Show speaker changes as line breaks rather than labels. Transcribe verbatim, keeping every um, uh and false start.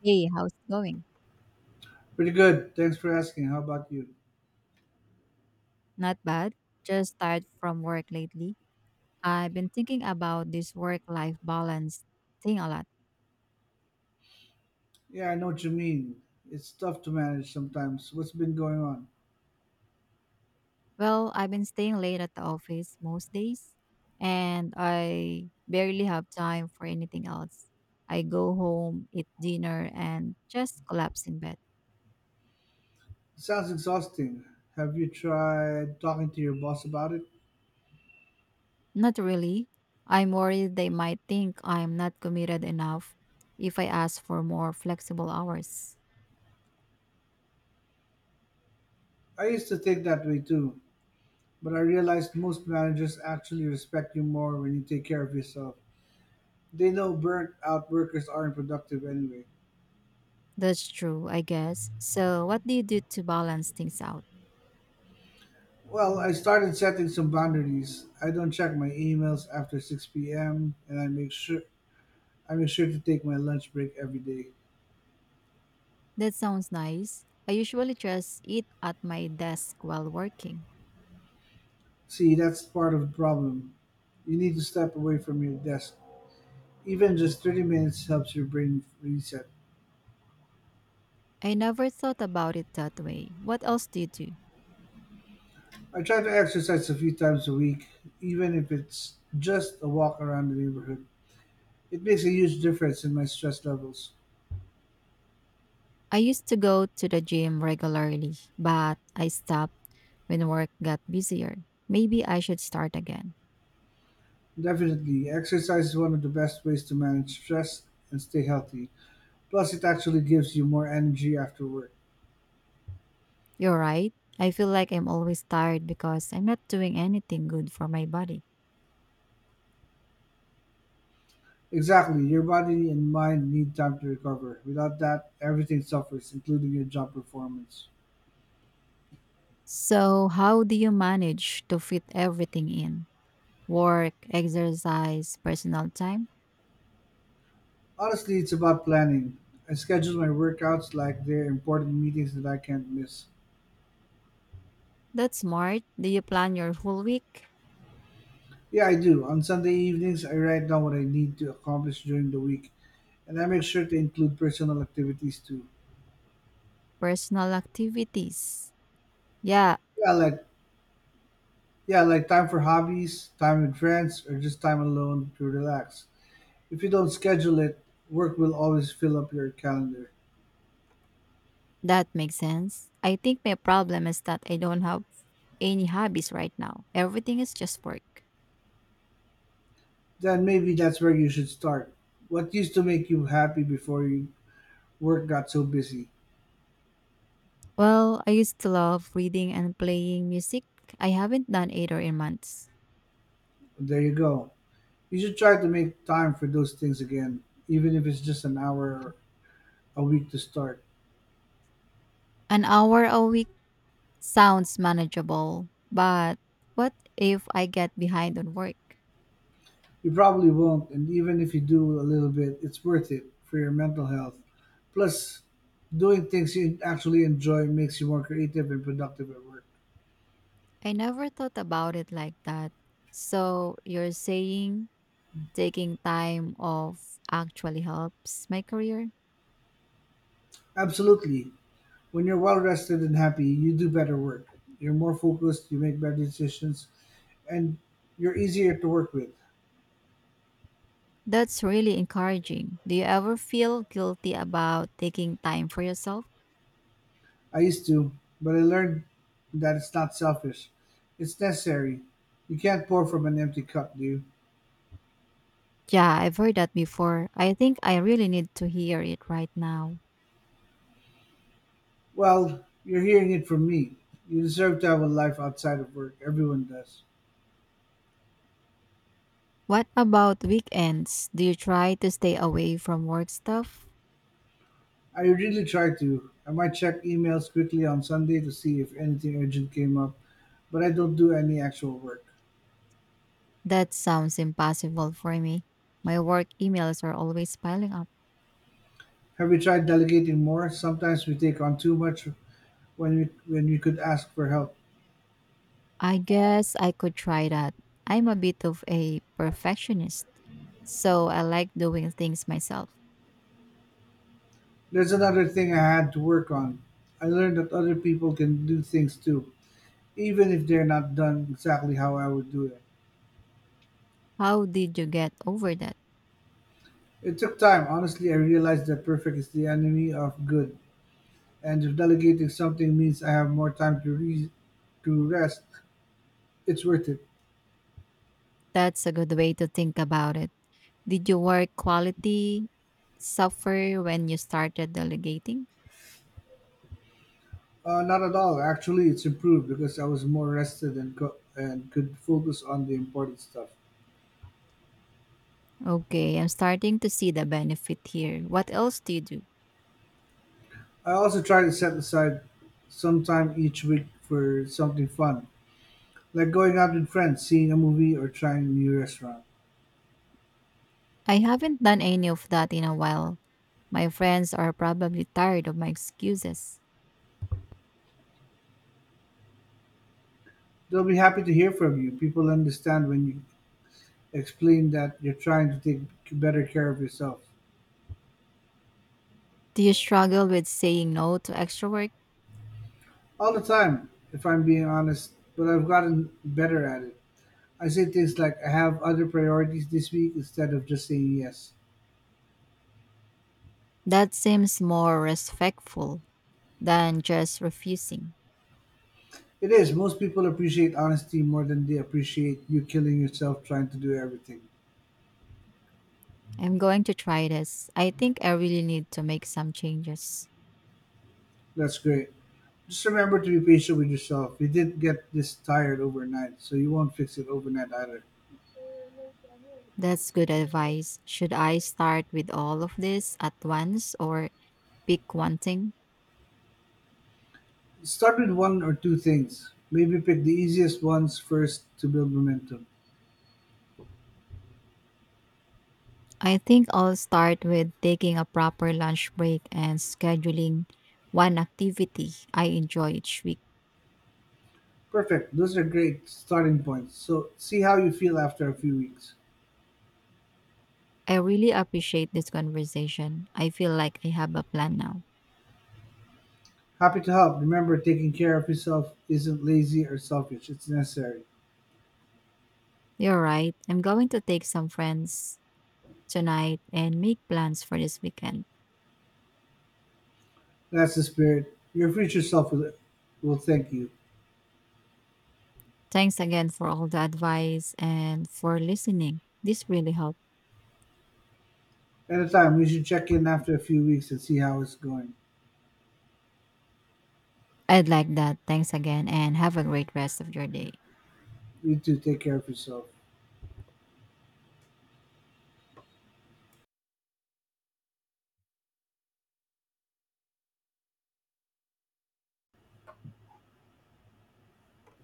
Hey, how's it going?
Pretty good. Thanks for asking. How about you?
Not bad. Just tired from work lately. I've been thinking about this work life balance thing a lot.
Yeah, I know what you mean. It's tough to manage sometimes. What's been going on?
Well, I've been staying late at the office most days, and I barely have time for anything else. I go home, eat dinner, and just collapse in bed.
It sounds exhausting. Have you tried talking to your boss about it?
Not really. I'm worried they might think I'm not committed enough if I ask for more flexible hours.
I used to think that way too, but I realized most managers actually respect you more when you take care of yourself. They know burnt out workers aren't productive anyway.
That's true, I guess. So, what do you do to balance things out?
Well, I started setting some boundaries. I don't check my emails after six p m and I make sure I make sure to take my lunch break every day.
That sounds nice. I usually just eat at my desk while working.
See, that's part of the problem. You need to step away from your desk. Even just thirty minutes helps your brain reset.
I never thought about it that way. What else do you do?
I try to exercise a few times a week, even if it's just a walk around the neighborhood. It makes a huge difference in my stress levels.
I used to go to the gym regularly, but I stopped when work got busier. Maybe I should start again.
Definitely, exercise is one of the best ways to manage stress and stay healthy. Plus, it actually gives you more energy after work.
You're right. I feel like I'm always tired because I'm not doing anything good for my body.
Exactly, your body and mind need time to recover. Without that, everything suffers, including your job performance.
So, how do you manage to fit everything in? Work, exercise, personal time?
Honestly, it's about planning. I schedule my workouts like they're important meetings that I can't miss.
That's smart. Do you plan your whole week?
Yeah, I do. On Sunday evenings, I write down what I need to accomplish during the week, and I make sure to include personal activities too.
Personal activities. Yeah,
Yeah, like yeah, like time for hobbies, time with friends, or just time alone to relax. If you don't schedule it, work will always fill up your calendar.
that makes sense. I think my problem is that I don't have any hobbies right now. Everything is just work.
Then maybe that's where you should start. What used to make you happy before you work got so busy?
Well, I used to love reading and playing music. I haven't done either in months.
There you go. You should try to make time for those things again, even if it's just an hour a week to start.
An hour a week sounds manageable, but what if I get behind on work?
You probably won't, and even if you do a little bit, it's worth it for your mental health. Plus, doing things you actually enjoy makes you more creative and productive at work.
I never thought about it like that. So you're saying taking time off actually helps my career?
Absolutely. When you're well rested and happy, you do better work. You're more focused, you make better decisions, and you're easier to work with.
That's really encouraging. Do you ever feel guilty about taking time for yourself?
I used to, but I learned that it's not selfish. It's necessary. You can't pour from an empty cup, do you?
Yeah, I've heard that before. I think I really need to hear it right now.
Well, you're hearing it from me. You deserve to have a life outside of work. Everyone does.
What about weekends? Do you try to stay away from work stuff?
I really try to. I might check emails quickly on Sunday to see if anything urgent came up, but I don't do any actual work.
That sounds impossible for me. My work emails are always piling up.
Have you tried delegating more? Sometimes we take on too much when we when we could ask for help.
I guess I could try that. I'm a bit of a perfectionist, so I like doing things myself.
There's another thing I had to work on. I learned that other people can do things too, even if they're not done exactly how I would do it.
How did you get over that?
It took time. Honestly, I realized that perfect is the enemy of good, and if delegating something means I have more time to re- to rest, it's worth it.
That's a good way to think about it. Did your work quality suffer when you started delegating?
Uh, not at all. Actually, it's improved because I was more rested and co- and could focus on the important stuff.
Okay, I'm starting to see the benefit here. What else do you do?
I also try to set aside some time each week for something fun, like going out with friends, seeing a movie, or trying a new restaurant.
I haven't done any of that in a while. My friends are probably tired of my excuses.
They'll be happy to hear from you. People understand when you explain that you're trying to take better care of yourself.
Do you struggle with saying no to extra work?
All the time, if I'm being honest, but I've gotten better at it. I say things like, I have other priorities this week instead of just saying yes.
That seems more respectful than just refusing.
It is, most people appreciate honesty more than they appreciate you killing yourself trying to do everything.
I'm going to try this. I think I really need to make some changes.
That's great. Just remember to be patient with yourself. You didn't get this tired overnight, so you won't fix it overnight either.
That's good advice. Should I start with all of this at once or pick one thing?
Start with one or two things. Maybe pick the easiest ones first to build momentum.
I think I'll start with taking a proper lunch break and scheduling one activity I enjoy each week.
Perfect. Those are great starting points. So see how you feel after a few weeks.
I really appreciate this conversation. I feel like I have a plan now.
Happy to help. Remember, taking care of yourself isn't lazy or selfish. It's necessary.
You're right. I'm going to take some friends tonight and make plans for this weekend.
That's the spirit. Your future self will, will thank you.
Thanks again for all the advice and for listening. This really helped.
At a time, we should check in after a few weeks and see how it's going.
I'd like that. Thanks again and have a great rest of your day.
You too. Take care of yourself.